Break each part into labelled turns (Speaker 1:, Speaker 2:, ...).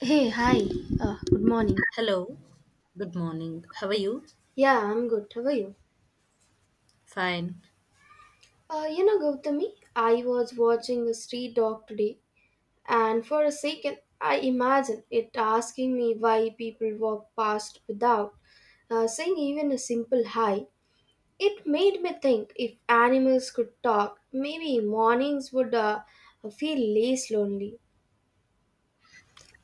Speaker 1: Hey, hi. Good morning.
Speaker 2: Hello, good morning. How are you?
Speaker 1: Yeah, I'm good. How are you?
Speaker 2: Fine.
Speaker 1: You know, Gautami, I was watching a street dog today, and for a second, I imagined it asking me why people walk past without saying even a simple hi. It made me think if animals could talk, maybe mornings would feel less lonely.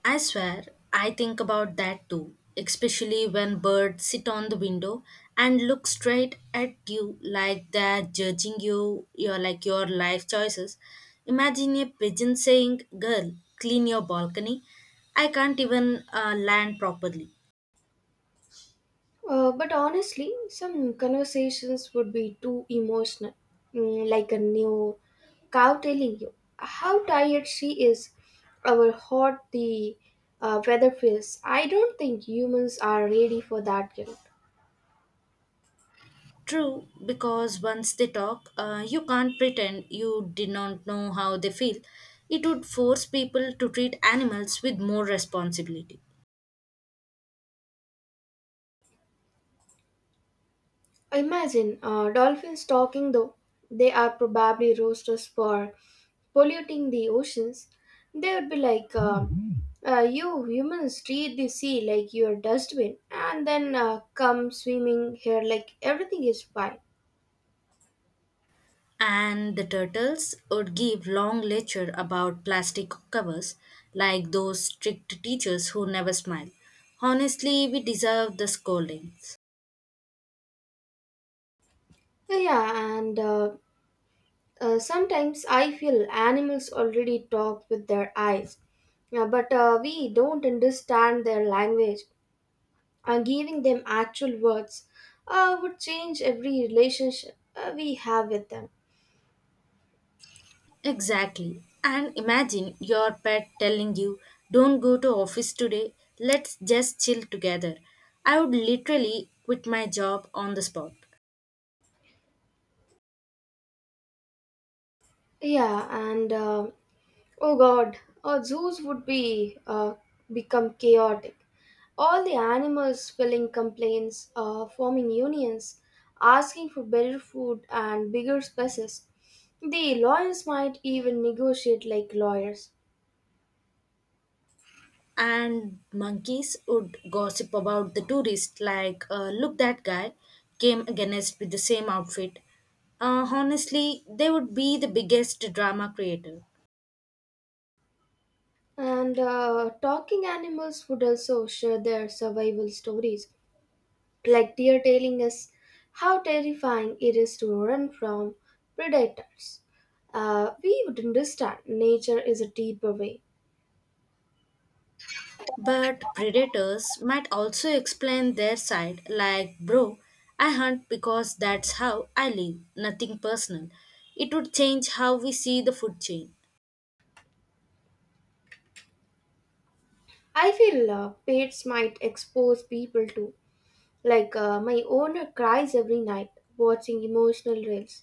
Speaker 2: I swear, I think about that too, especially when birds sit on the window and look straight at you like they're judging you, your like your life choices. Imagine a pigeon saying, "Girl, clean your balcony. I can't even land properly."
Speaker 1: But honestly, some conversations would be too emotional, mm, like a new cow telling you how tired she is, or hot the weather feels. I don't think humans are ready for that yet.
Speaker 2: True, because once they talk, you can't pretend you did not know how they feel. It would force people to treat animals with more responsibility.
Speaker 1: Imagine dolphins talking though. They are probably roasters for polluting the oceans. They would be like, you humans treat the sea like your dustbin and then come swimming here like everything is fine.
Speaker 2: And the turtles would give long lecture about plastic covers, like those strict teachers who never smile. Honestly, we deserve the scoldings.
Speaker 1: Yeah, and sometimes I feel animals already talk with their eyes. Yeah, but we don't understand their language. Giving them actual words would change every relationship we have with them.
Speaker 2: Exactly. And imagine your pet telling you, don't go to office today, let's just chill together. I would literally quit my job on the spot.
Speaker 1: Yeah, and oh god, zoos would be become chaotic. All the animals filling complaints, forming unions, asking for better food and bigger spaces. The lawyers might even negotiate like lawyers.
Speaker 2: And monkeys would gossip about the tourist like, look, that guy came against with the same outfit. Honestly, they would be the biggest drama creator.
Speaker 1: And Talking animals would also share their survival stories like deer tailing is how terrifying it is to run from predators. We would understand nature is a deeper way.
Speaker 2: But predators might also explain their side, like, bro, I hunt because that's how I live, nothing personal. It would change how we see the food chain.
Speaker 1: I feel pets might expose people to, like my owner cries every night watching emotional reels.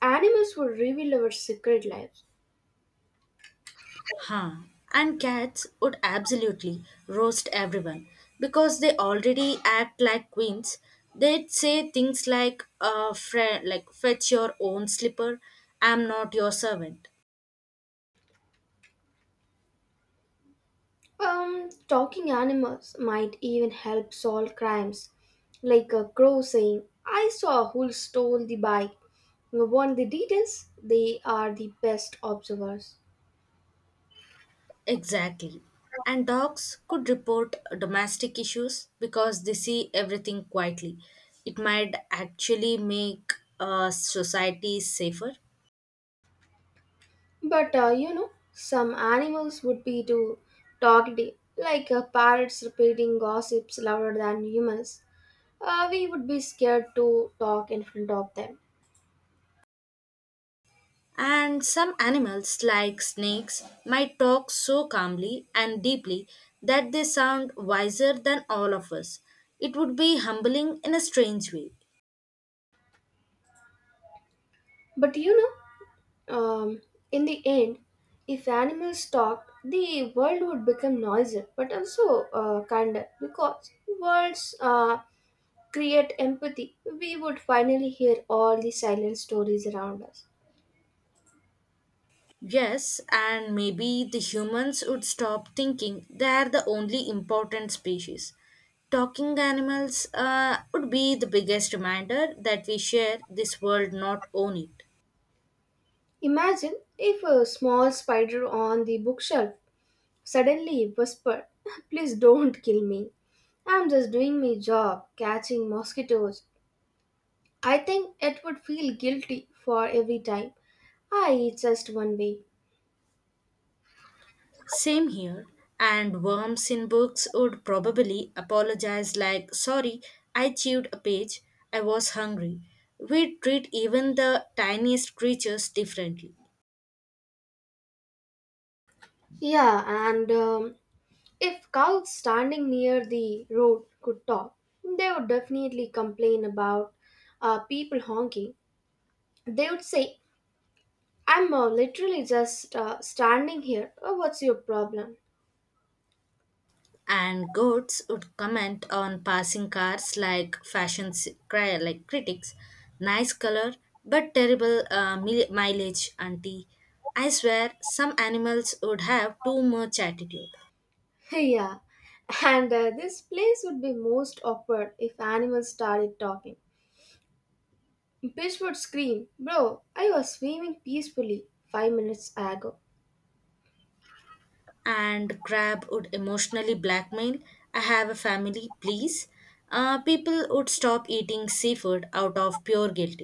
Speaker 1: Animals would reveal our secret lives.
Speaker 2: Huh. And cats would absolutely roast everyone because they already act like queens. They'd say things like, like fetch your own slipper, I'm not your servant.
Speaker 1: Talking animals might even help solve crimes, like a crow saying, I saw who stole the bike. Want the details? They are the best observers.
Speaker 2: Exactly. And dogs could report domestic issues because they see everything quietly. It might actually make society safer.
Speaker 1: But you know, some animals would be too talkative, like parrots repeating gossips louder than humans. We would be scared to talk in front of them.
Speaker 2: And some animals, like snakes, might talk so calmly and deeply that they sound wiser than all of us. It would be humbling in a strange way.
Speaker 1: But you know, Um, in the end, if animals stopped, the world would become noisier but also kinder because words create empathy. We would finally hear all the silent stories around us.
Speaker 2: Yes, and maybe the humans would stop thinking they're the only important species. Talking animals would be the biggest reminder that we share this world, not own it.
Speaker 1: Imagine if a small spider on the bookshelf suddenly whispered, please don't kill me. I'm just doing my job, catching mosquitoes. I think it would feel guilty for every time I eat just one way.
Speaker 2: Same here, and worms in books would probably apologize like, sorry, I chewed a page, I was hungry. We treat even the tiniest creatures differently.
Speaker 1: Yeah, and if cows standing near the road could talk, they would definitely complain about people honking. They would say, I'm literally just standing here. What's your problem?
Speaker 2: And goats would comment on passing cars like fashion like critics, nice color but terrible mileage, auntie. I swear some animals would have too much attitude.
Speaker 1: Yeah, and this place would be most awkward if animals started talking. Fish would scream, bro, I was swimming peacefully 5 minutes ago.
Speaker 2: And crab would emotionally blackmail, I have a family, please. People would stop eating seafood out of pure guilt.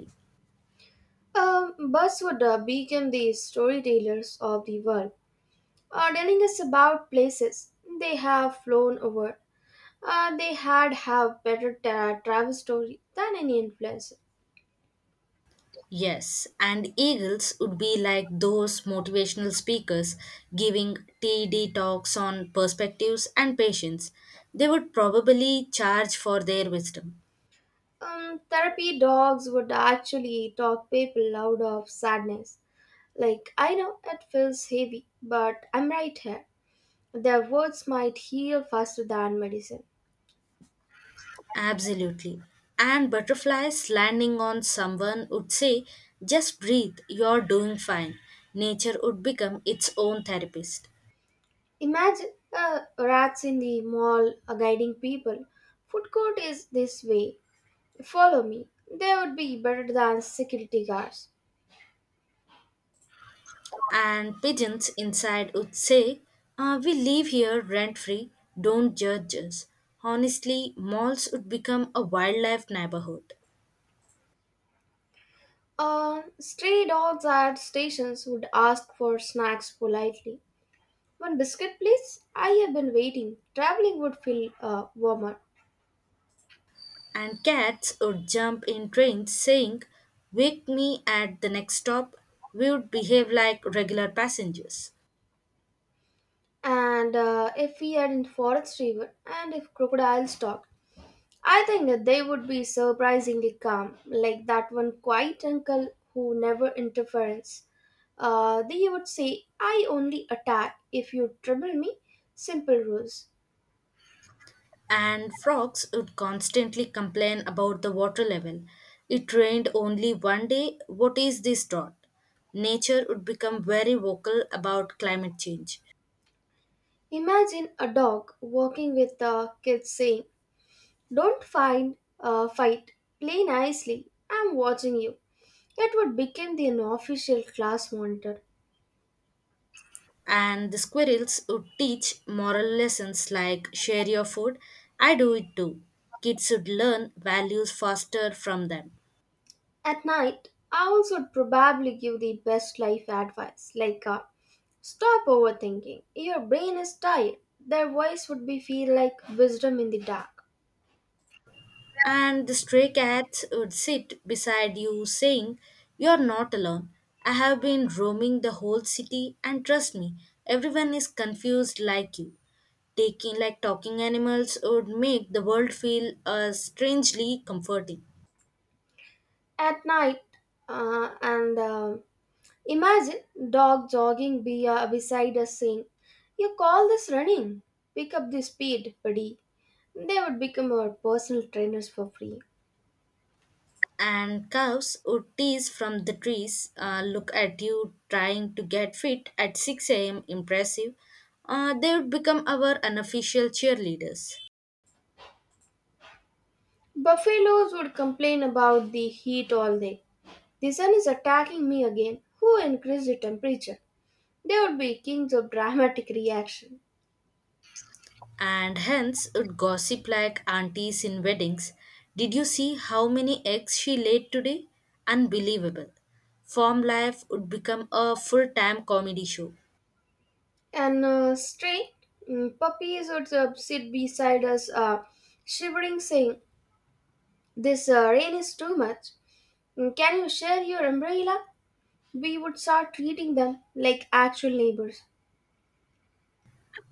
Speaker 1: Birds would become the storytellers of the world telling us about places they have flown over. They had have better travel story than any influencer.
Speaker 2: Yes, and Eagles would be like those motivational speakers giving TED talks on perspectives and patience. They would probably charge for their wisdom.
Speaker 1: Therapy dogs would actually talk people out of sadness. Like I know it feels heavy, but I'm right here. Their words might heal faster than medicine.
Speaker 2: Absolutely. And butterflies landing on someone would say, just breathe, you're doing fine. Nature would become its own therapist.
Speaker 1: Imagine rats in the mall guiding people. Food court is this way. Follow me. They would be better than security guards.
Speaker 2: And pigeons inside would say, "Ah, we live here rent free, don't judge us." Honestly, malls would become a wildlife neighborhood.
Speaker 1: Stray dogs at stations would ask for snacks politely. One biscuit, please. I have been waiting. Traveling would feel warmer.
Speaker 2: And cats would jump in trains saying, Wake me at the next stop. We would behave like regular passengers.
Speaker 1: And If we had in forest river, and if crocodiles talked, I think that they would be surprisingly calm, like that one quiet uncle who never interferes. They would say, I only attack if you trouble me. Simple rules.
Speaker 2: And frogs would constantly complain about the water level. It rained only one day. What is this drought? Nature would become very vocal about climate change.
Speaker 1: Imagine a dog walking with the kids saying, Don't fight. Play nicely. I'm watching you. It would become the unofficial class monitor.
Speaker 2: And the squirrels would teach moral lessons like share your food, I do it too. Kids would learn values faster from them.
Speaker 1: At night, owls would probably give the best life advice, like stop overthinking. Your brain is tired. Their voice would be feel like wisdom in the dark.
Speaker 2: And the stray cats would sit beside you saying you're not alone, I have been roaming the whole city and trust me, everyone is confused like you. Taking like talking animals would make the world feel strangely comforting.
Speaker 1: At night, and imagine dog jogging beside us saying, "You call this running? Pick up the speed, buddy." They would become our personal trainers for free.
Speaker 2: And cows would tease from the trees, look at you trying to get fit at 6 a.m., impressive. They would become our unofficial cheerleaders.
Speaker 1: Buffaloes would complain about the heat all day. The sun is attacking me again. Who increased the temperature? They would be kings of dramatic reaction.
Speaker 2: And hence would gossip like aunties in weddings. Did you see how many eggs she laid today? Unbelievable. Farm life would become a full time comedy show.
Speaker 1: And Stray puppies would sit beside us, shivering, saying, this rain is too much. Mm, can you share your umbrella? We would start treating them like actual neighbors.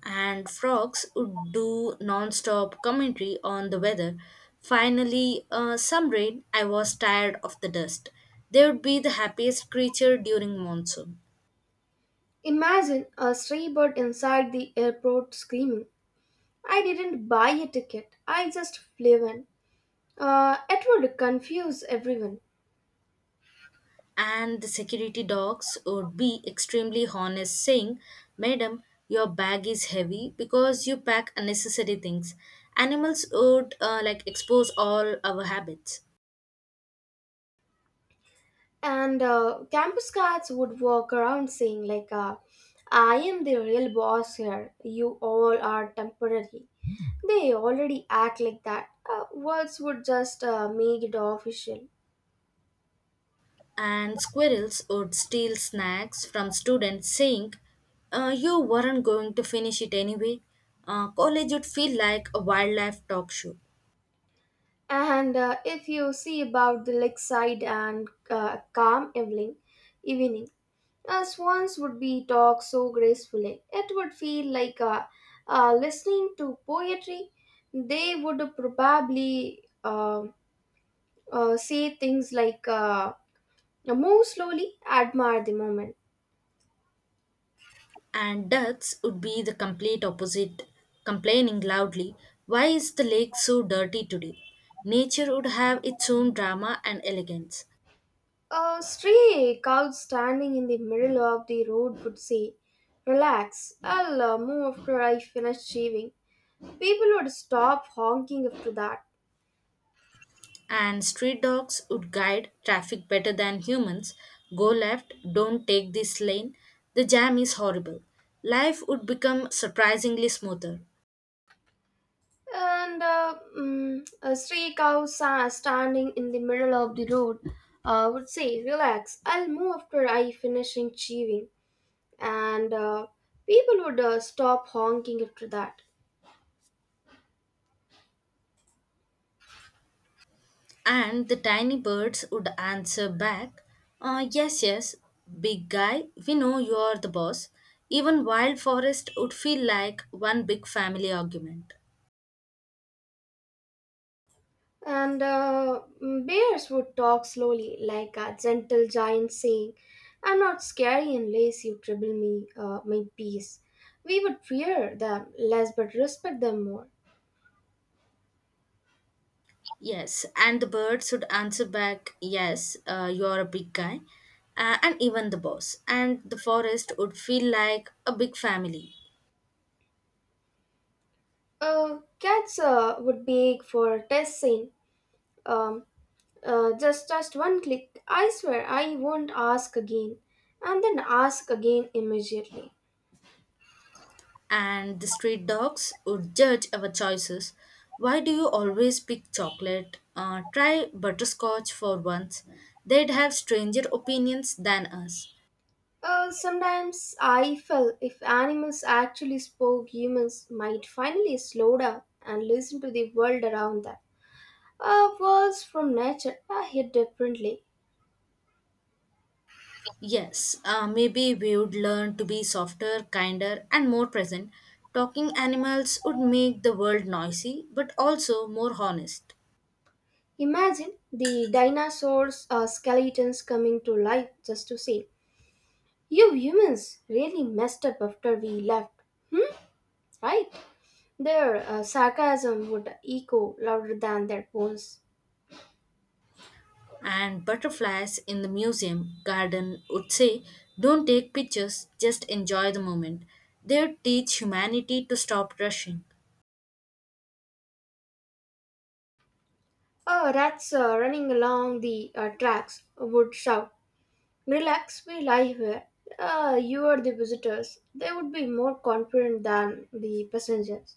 Speaker 2: And frogs would do non-stop commentary on the weather. Finally, some rain, I was tired of the dust. They would be the happiest creature during monsoon.
Speaker 1: Imagine a stray bird inside the airport screaming, I didn't buy a ticket. I just flew in. It would confuse everyone.
Speaker 2: And the security dogs would be extremely honest, saying, Madam, your bag is heavy because you pack unnecessary things. Animals would like expose all our habits.
Speaker 1: And Campus guards would walk around saying, like, I am the real boss here. You all are temporary. They already act like that. Words would just make it official.
Speaker 2: And squirrels would steal snacks from students, saying, You weren't going to finish it anyway." College would feel like a wildlife talk show.
Speaker 1: And If you see about the lakeside and calm evening, swans would be talk so gracefully. It would feel like listening to poetry. They would probably say things like, "Move slowly, admire the moment."
Speaker 2: And ducks would be the complete opposite, complaining loudly, Why is the lake so dirty today? Nature would have its own drama and elegance.
Speaker 1: A stray cow standing in the middle of the road would say, "Relax, I'll move after I finish shaving." People would stop honking after that.
Speaker 2: And street dogs would guide traffic better than humans. Go left, don't take this lane. The jam is horrible. Life would become surprisingly smoother.
Speaker 1: And a stray cow standing in the middle of the road would say, relax, I'll move after I finish chewing. And people would stop honking after that.
Speaker 2: And the tiny birds would answer back, Yes, yes, big guy, we know you are the boss." Even wild forest would feel like one big family argument.
Speaker 1: And bears would talk slowly, like a gentle giant saying, I'm not scary unless you trouble me, my peace. We would fear them less but respect them more.
Speaker 2: Yes, and the bird should answer back, Yes, you are a big guy, and even the boss. And the forest would feel like a big family.
Speaker 1: Cats would beg for test scene. Um, just one click. I swear I won't ask again, and then ask again immediately.
Speaker 2: And the street dogs would judge our choices. Why do you always pick chocolate? Try butterscotch for once. They'd have stranger opinions than us.
Speaker 1: Sometimes I feel if animals actually spoke, humans might finally slow down and listen to the world around them. Words from nature are hit differently.
Speaker 2: Yes, maybe we would learn to be softer, kinder, and more present. Talking animals would make the world noisy, but also more honest.
Speaker 1: Imagine the dinosaurs' skeletons coming to life just to see. You humans really messed up after we left, right? Their sarcasm would echo louder than their bones.
Speaker 2: And butterflies in the museum garden would say, Don't take pictures, just enjoy the moment. They would teach humanity to stop rushing.
Speaker 1: Oh, rats running along the tracks would shout, relax, we lie here. You are the visitors. They would be more confident than the passengers.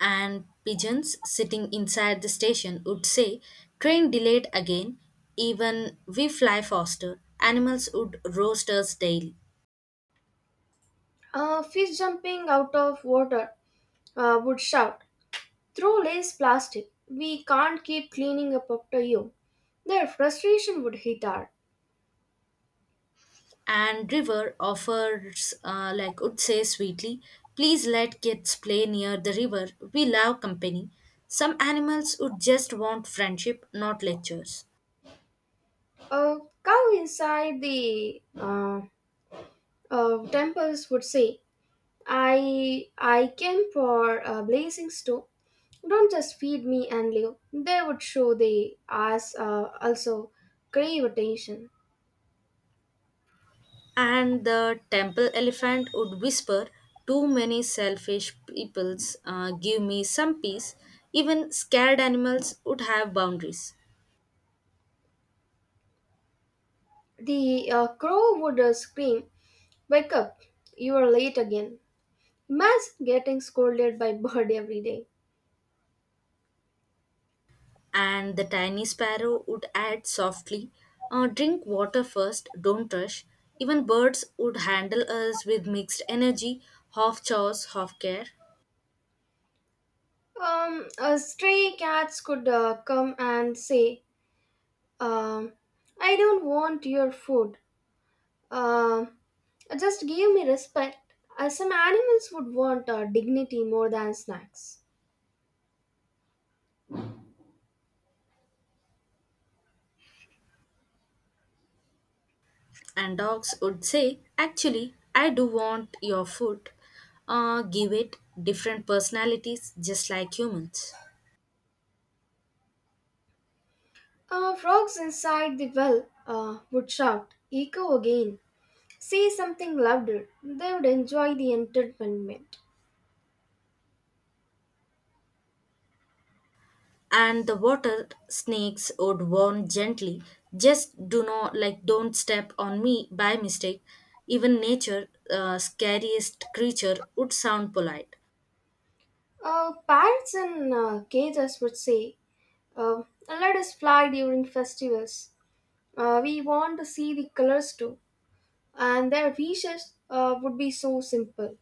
Speaker 2: And pigeons sitting inside the station would say, Train delayed again, even we fly faster. Animals would roast us daily.
Speaker 1: Fish jumping out of water would shout, throw lace plastic. We can't keep cleaning up after you. Their frustration would hit hard.
Speaker 2: And river offers would say sweetly, please let kids play near the river, we love company. Some animals would just want friendship, not lectures.
Speaker 1: A cow inside the temples would say, I came for a blazing stone. Don't just feed me and live. They would show they ass also crave attention.
Speaker 2: And the temple elephant would whisper, too many selfish peoples, give me some peace. Even scared animals would have boundaries.
Speaker 1: The crow would scream, wake up, you are late again. Imagine getting scolded by bird every day.
Speaker 2: And the tiny sparrow would add softly, Drink water first, don't rush." Even birds would handle us with mixed energy, half chores, half care.
Speaker 1: Stray cats could come and say, um, I don't want your food. Uh, just give me respect. Some animals would want dignity more than snacks.
Speaker 2: And dogs would say, Actually, I do want your food. Give it different personalities, just like humans.
Speaker 1: Frogs inside the well would shout, echo again. Say something louder. They would enjoy the entertainment.
Speaker 2: And the water snakes would warn gently, just do not like don't step on me by mistake. Even nature scariest creature would sound polite.
Speaker 1: Parrots in cages would say, uh, let us fly during festivals. We want to see the colors too. And their wishes would be so simple.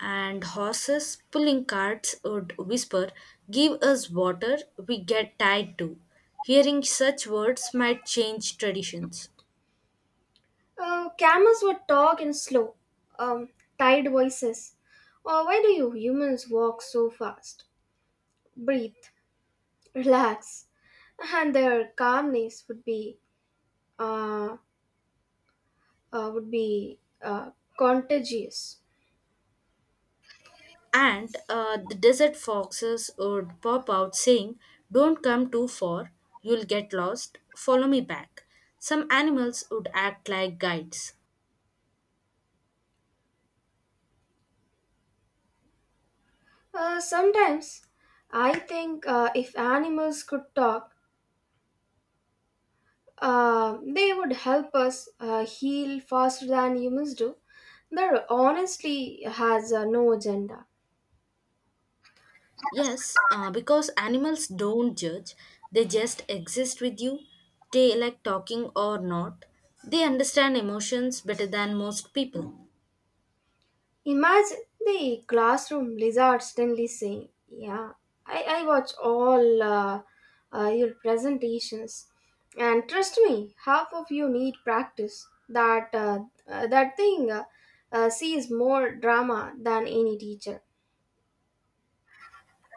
Speaker 2: And horses pulling carts would whisper, give us water, we get tired too. Hearing such words might change traditions.
Speaker 1: Camels would talk in slow, um, tired voices. Why do you humans walk so fast? Breathe, relax, and their calmness would be uh, uh, would be uh, contagious.
Speaker 2: And the desert foxes would pop out saying, Don't come too far, you'll get lost, follow me back. Some animals would act like guides.
Speaker 1: Sometimes, I think if animals could talk, they would help us heal faster than humans do. They're honestly has no agenda.
Speaker 2: Yes, because animals don't judge, they just exist with you. They like talking or not. They understand emotions better than most people.
Speaker 1: Imagine the classroom lizard Stanley saying, yeah, I watch all your presentations. And trust me, half of you need practice. That thing sees more drama than any teacher.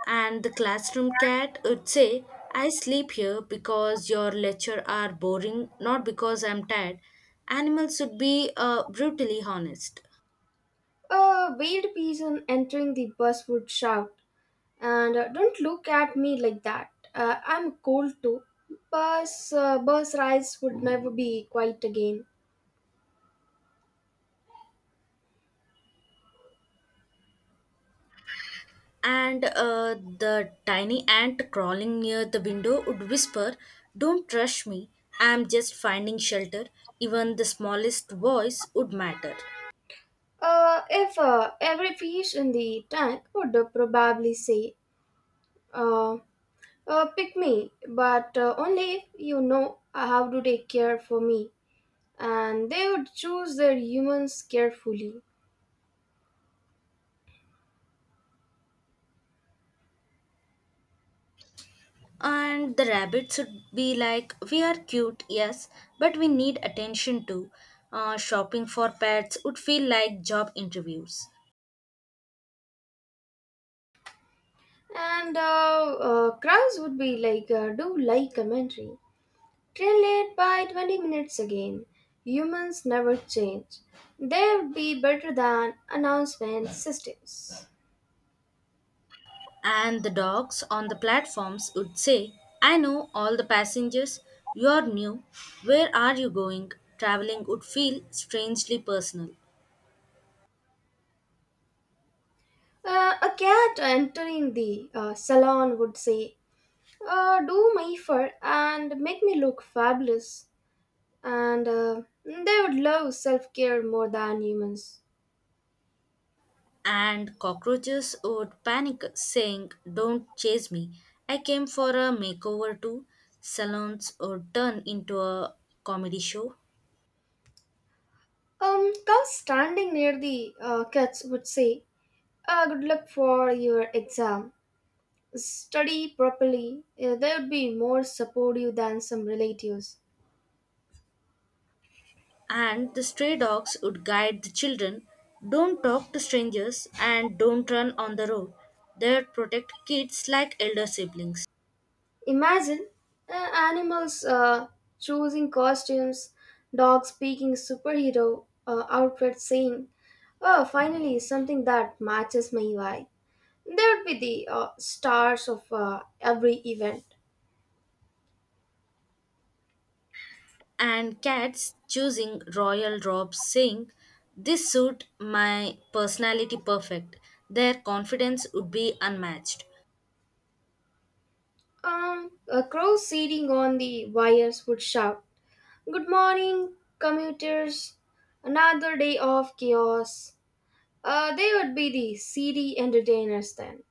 Speaker 2: And the classroom cat would say, I sleep here because your lecture are boring, not because I'm tired. Animals should be brutally honest.
Speaker 1: A veiled person entering the bus would shout, and don't look at me like that. I'm cold too. Bus rides would never be quiet again.
Speaker 2: And the tiny ant crawling near the window would whisper, Don't rush me, I'm just finding shelter. Even the smallest voice would matter.
Speaker 1: If every fish in the tank would probably say, uh, pick me, but only if you know how to take care for me. And they would choose their humans carefully.
Speaker 2: And the rabbit should be like, we are cute, yes, but we need attention too. Shopping for pets would feel like job interviews.
Speaker 1: And crowds would be like, do like commentary. Train late by 20 minutes again. Humans never change. They would be better than announcement systems.
Speaker 2: And the dogs on the platforms would say, I know all the passengers, you're new, where are you going? Traveling would feel strangely personal.
Speaker 1: A cat entering the salon would say, do my fur and make me look fabulous. And they would love self care more than humans.
Speaker 2: And cockroaches would panic, saying, Don't chase me. I came for a makeover too. Salons would turn into a comedy show.
Speaker 1: Cows standing near the cats would say, good luck for your exam. Study properly. They would be more supportive than some relatives.
Speaker 2: And the stray dogs would guide the children, don't talk to strangers and don't run on the road. They would protect kids like elder siblings.
Speaker 1: Imagine animals choosing costumes, dogs speaking superhero outfits, saying, oh, finally, something that matches my vibe. There would be the stars of every event.
Speaker 2: And cats choosing royal robes saying, this suit my personality perfect. Their confidence would be unmatched.
Speaker 1: A crow sitting on the wires would shout, good morning, commuters! Another day of chaos. They would be the city entertainers then.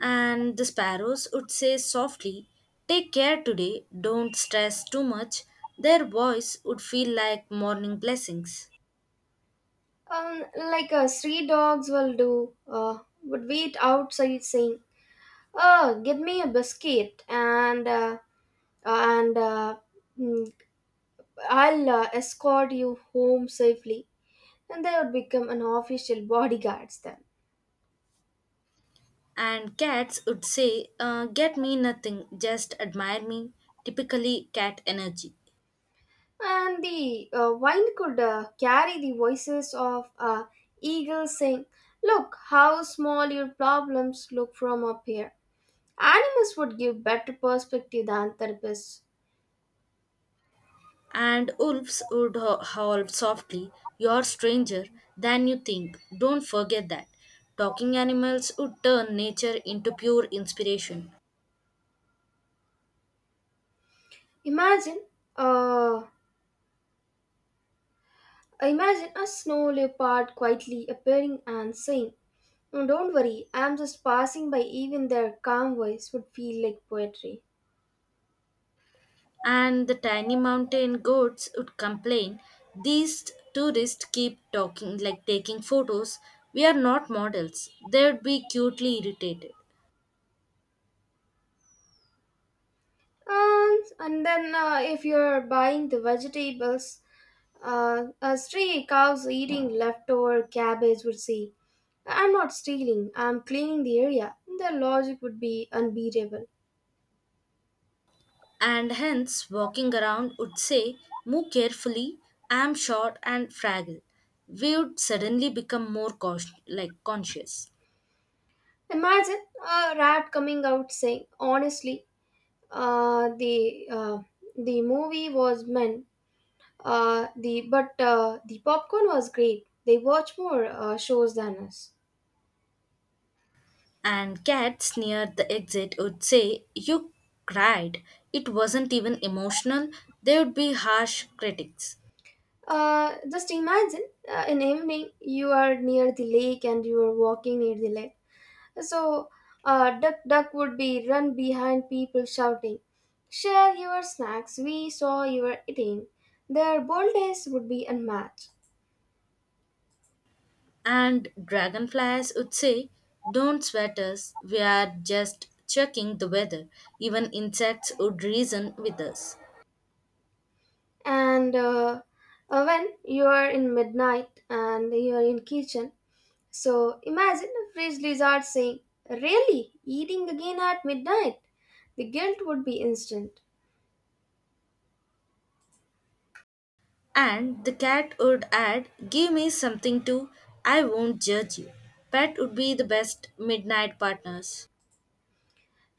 Speaker 2: And the sparrows would say softly, take care today, don't stress too much. Their voice would feel like morning blessings.
Speaker 1: Like street dogs will do, would wait outside saying, oh, give me a biscuit and mm, I'll escort you home safely. And they would become an official bodyguards then.
Speaker 2: And cats would say, Get me nothing, just admire me. Typically cat energy.
Speaker 1: And the wine could carry the voices of eagles saying, look how small your problems look from up here. Animals would give better perspective than therapists.
Speaker 2: And wolves would howl softly, You're stranger than you think. Don't forget that. Talking animals would turn nature into pure inspiration.
Speaker 1: Imagine, uh, imagine a snow leopard quietly appearing and saying, "Oh, don't worry, I'm just passing by." Even their calm voice would feel like poetry.
Speaker 2: And the tiny mountain goats would complain, These tourists keep talking like taking photos. We are not models. They would be cutely irritated.
Speaker 1: And then if you're buying the vegetables, a stray cow's eating leftover cabbage would say, I'm not stealing, I'm cleaning the area. The logic would be unbeatable.
Speaker 2: And hence walking around would say, Move carefully, I'm short and fragile. We would suddenly become more cautious, like conscious.
Speaker 1: Imagine a rat coming out saying, honestly, uh, the, uh, the movie was meant, but the popcorn was great. They watch more shows than us.
Speaker 2: And cats near the exit would say, You cried. It wasn't even emotional. They would be harsh critics.
Speaker 1: Just imagine in evening you are near the lake and you are walking near the lake. So, duck would be run behind people shouting, "Share your snacks! We saw you were eating." Their boldness would be unmatched.
Speaker 2: And dragonflies would say, Don't sweat us, we are just checking the weather. Even insects would reason with us.
Speaker 1: And when you are in midnight and you are in kitchen, so imagine a fridge lizard saying, "Really, eating again at midnight?" The guilt would be instant.
Speaker 2: And the cat would add, Give me something to, I won't judge you. Pet would be the best midnight partners.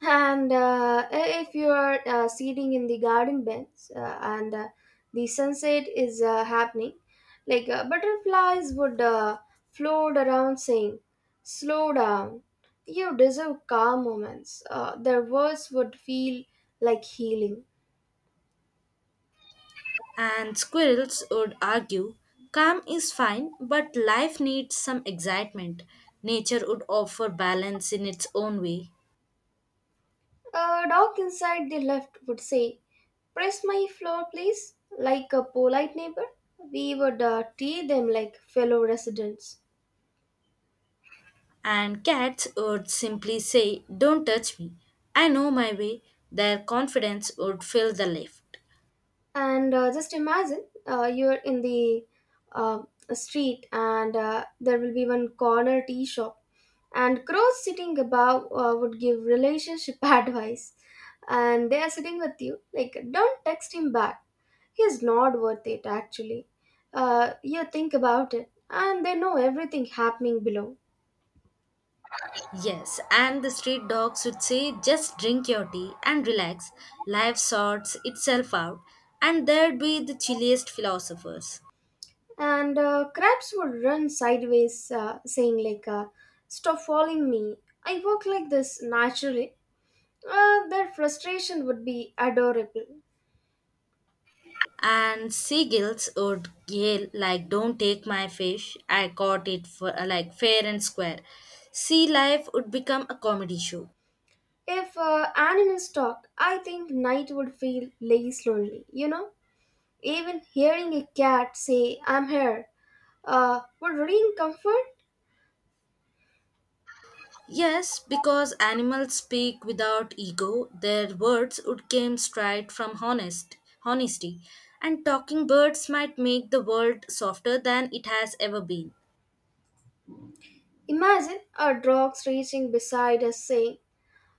Speaker 1: And if you are sitting in the garden beds and the sunset is happening, like butterflies would float around saying, slow down, you deserve calm moments. Their words would feel like healing.
Speaker 2: And squirrels would argue, Calm is fine, but life needs some excitement. Nature would offer balance in its own way.
Speaker 1: A dog inside the left would say, press my floor, please, like a polite neighbor. We would treat them like fellow residents.
Speaker 2: And cats would simply say, Don't touch me. I know my way. Their confidence would fill the lift.
Speaker 1: And Just imagine you're in the uh, street and there will be one corner tea shop, and crows sitting above would give relationship advice. And they are sitting with you, like, don't text him back. He's not worth it, actually. You think about it, and they know everything happening below.
Speaker 2: Yes, and the street dogs would say just drink your tea and relax. Life sorts itself out, and there'd be the chilliest philosophers.
Speaker 1: And Crabs would run sideways, saying, like, stop following me. I work like this naturally. Their frustration would be adorable.
Speaker 2: And seagulls would yell like, "Don't take my fish! I caught it for like fair and square." Sea life would become a comedy show.
Speaker 1: If animals talk, I think night would feel less lonely. You know, even hearing a cat say, I'm here, would bring comfort.
Speaker 2: Yes, because animals speak without ego, their words would came straight from honesty. And talking birds might make the world softer than it has ever been.
Speaker 1: Imagine a dog's stretching beside us saying,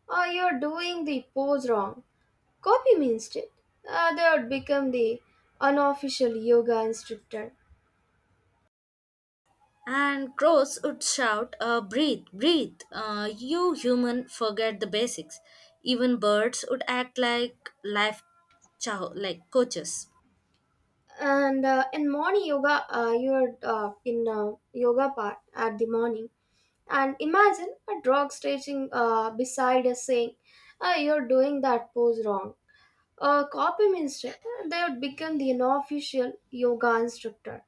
Speaker 1: oh, you're doing the pose wrong. Copy me instead. They would become the unofficial yoga instructor.
Speaker 2: And crows would shout, breathe, breathe. You human forget the basics. Even birds would act like life chow like coaches.
Speaker 1: And In morning yoga, you're in yoga part at the morning. And imagine a dog stretching beside us saying, "Ah, you're doing that pose wrong. A copy instead, they would become the unofficial yoga instructor."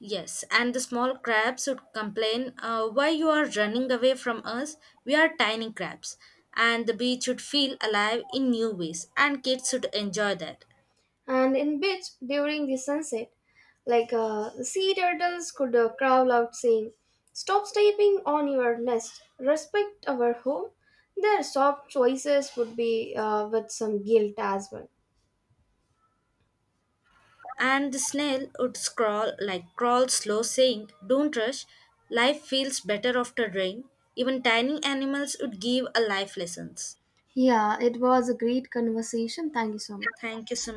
Speaker 2: Yes, and the small crabs would complain, Why you are running away from us? We are tiny crabs. And the beach would feel alive in new ways, and kids would enjoy that.
Speaker 1: And in beach during the sunset, like sea turtles could crawl out saying, stop stepping on your nest, respect our home. Their soft choices would be with some guilt as well.
Speaker 2: And the snail would scrawl like crawl slow, saying, Don't rush, life feels better after rain. Even tiny animals would give a life lessons.
Speaker 1: Yeah, it was a great conversation. Thank you so much.
Speaker 2: Thank you so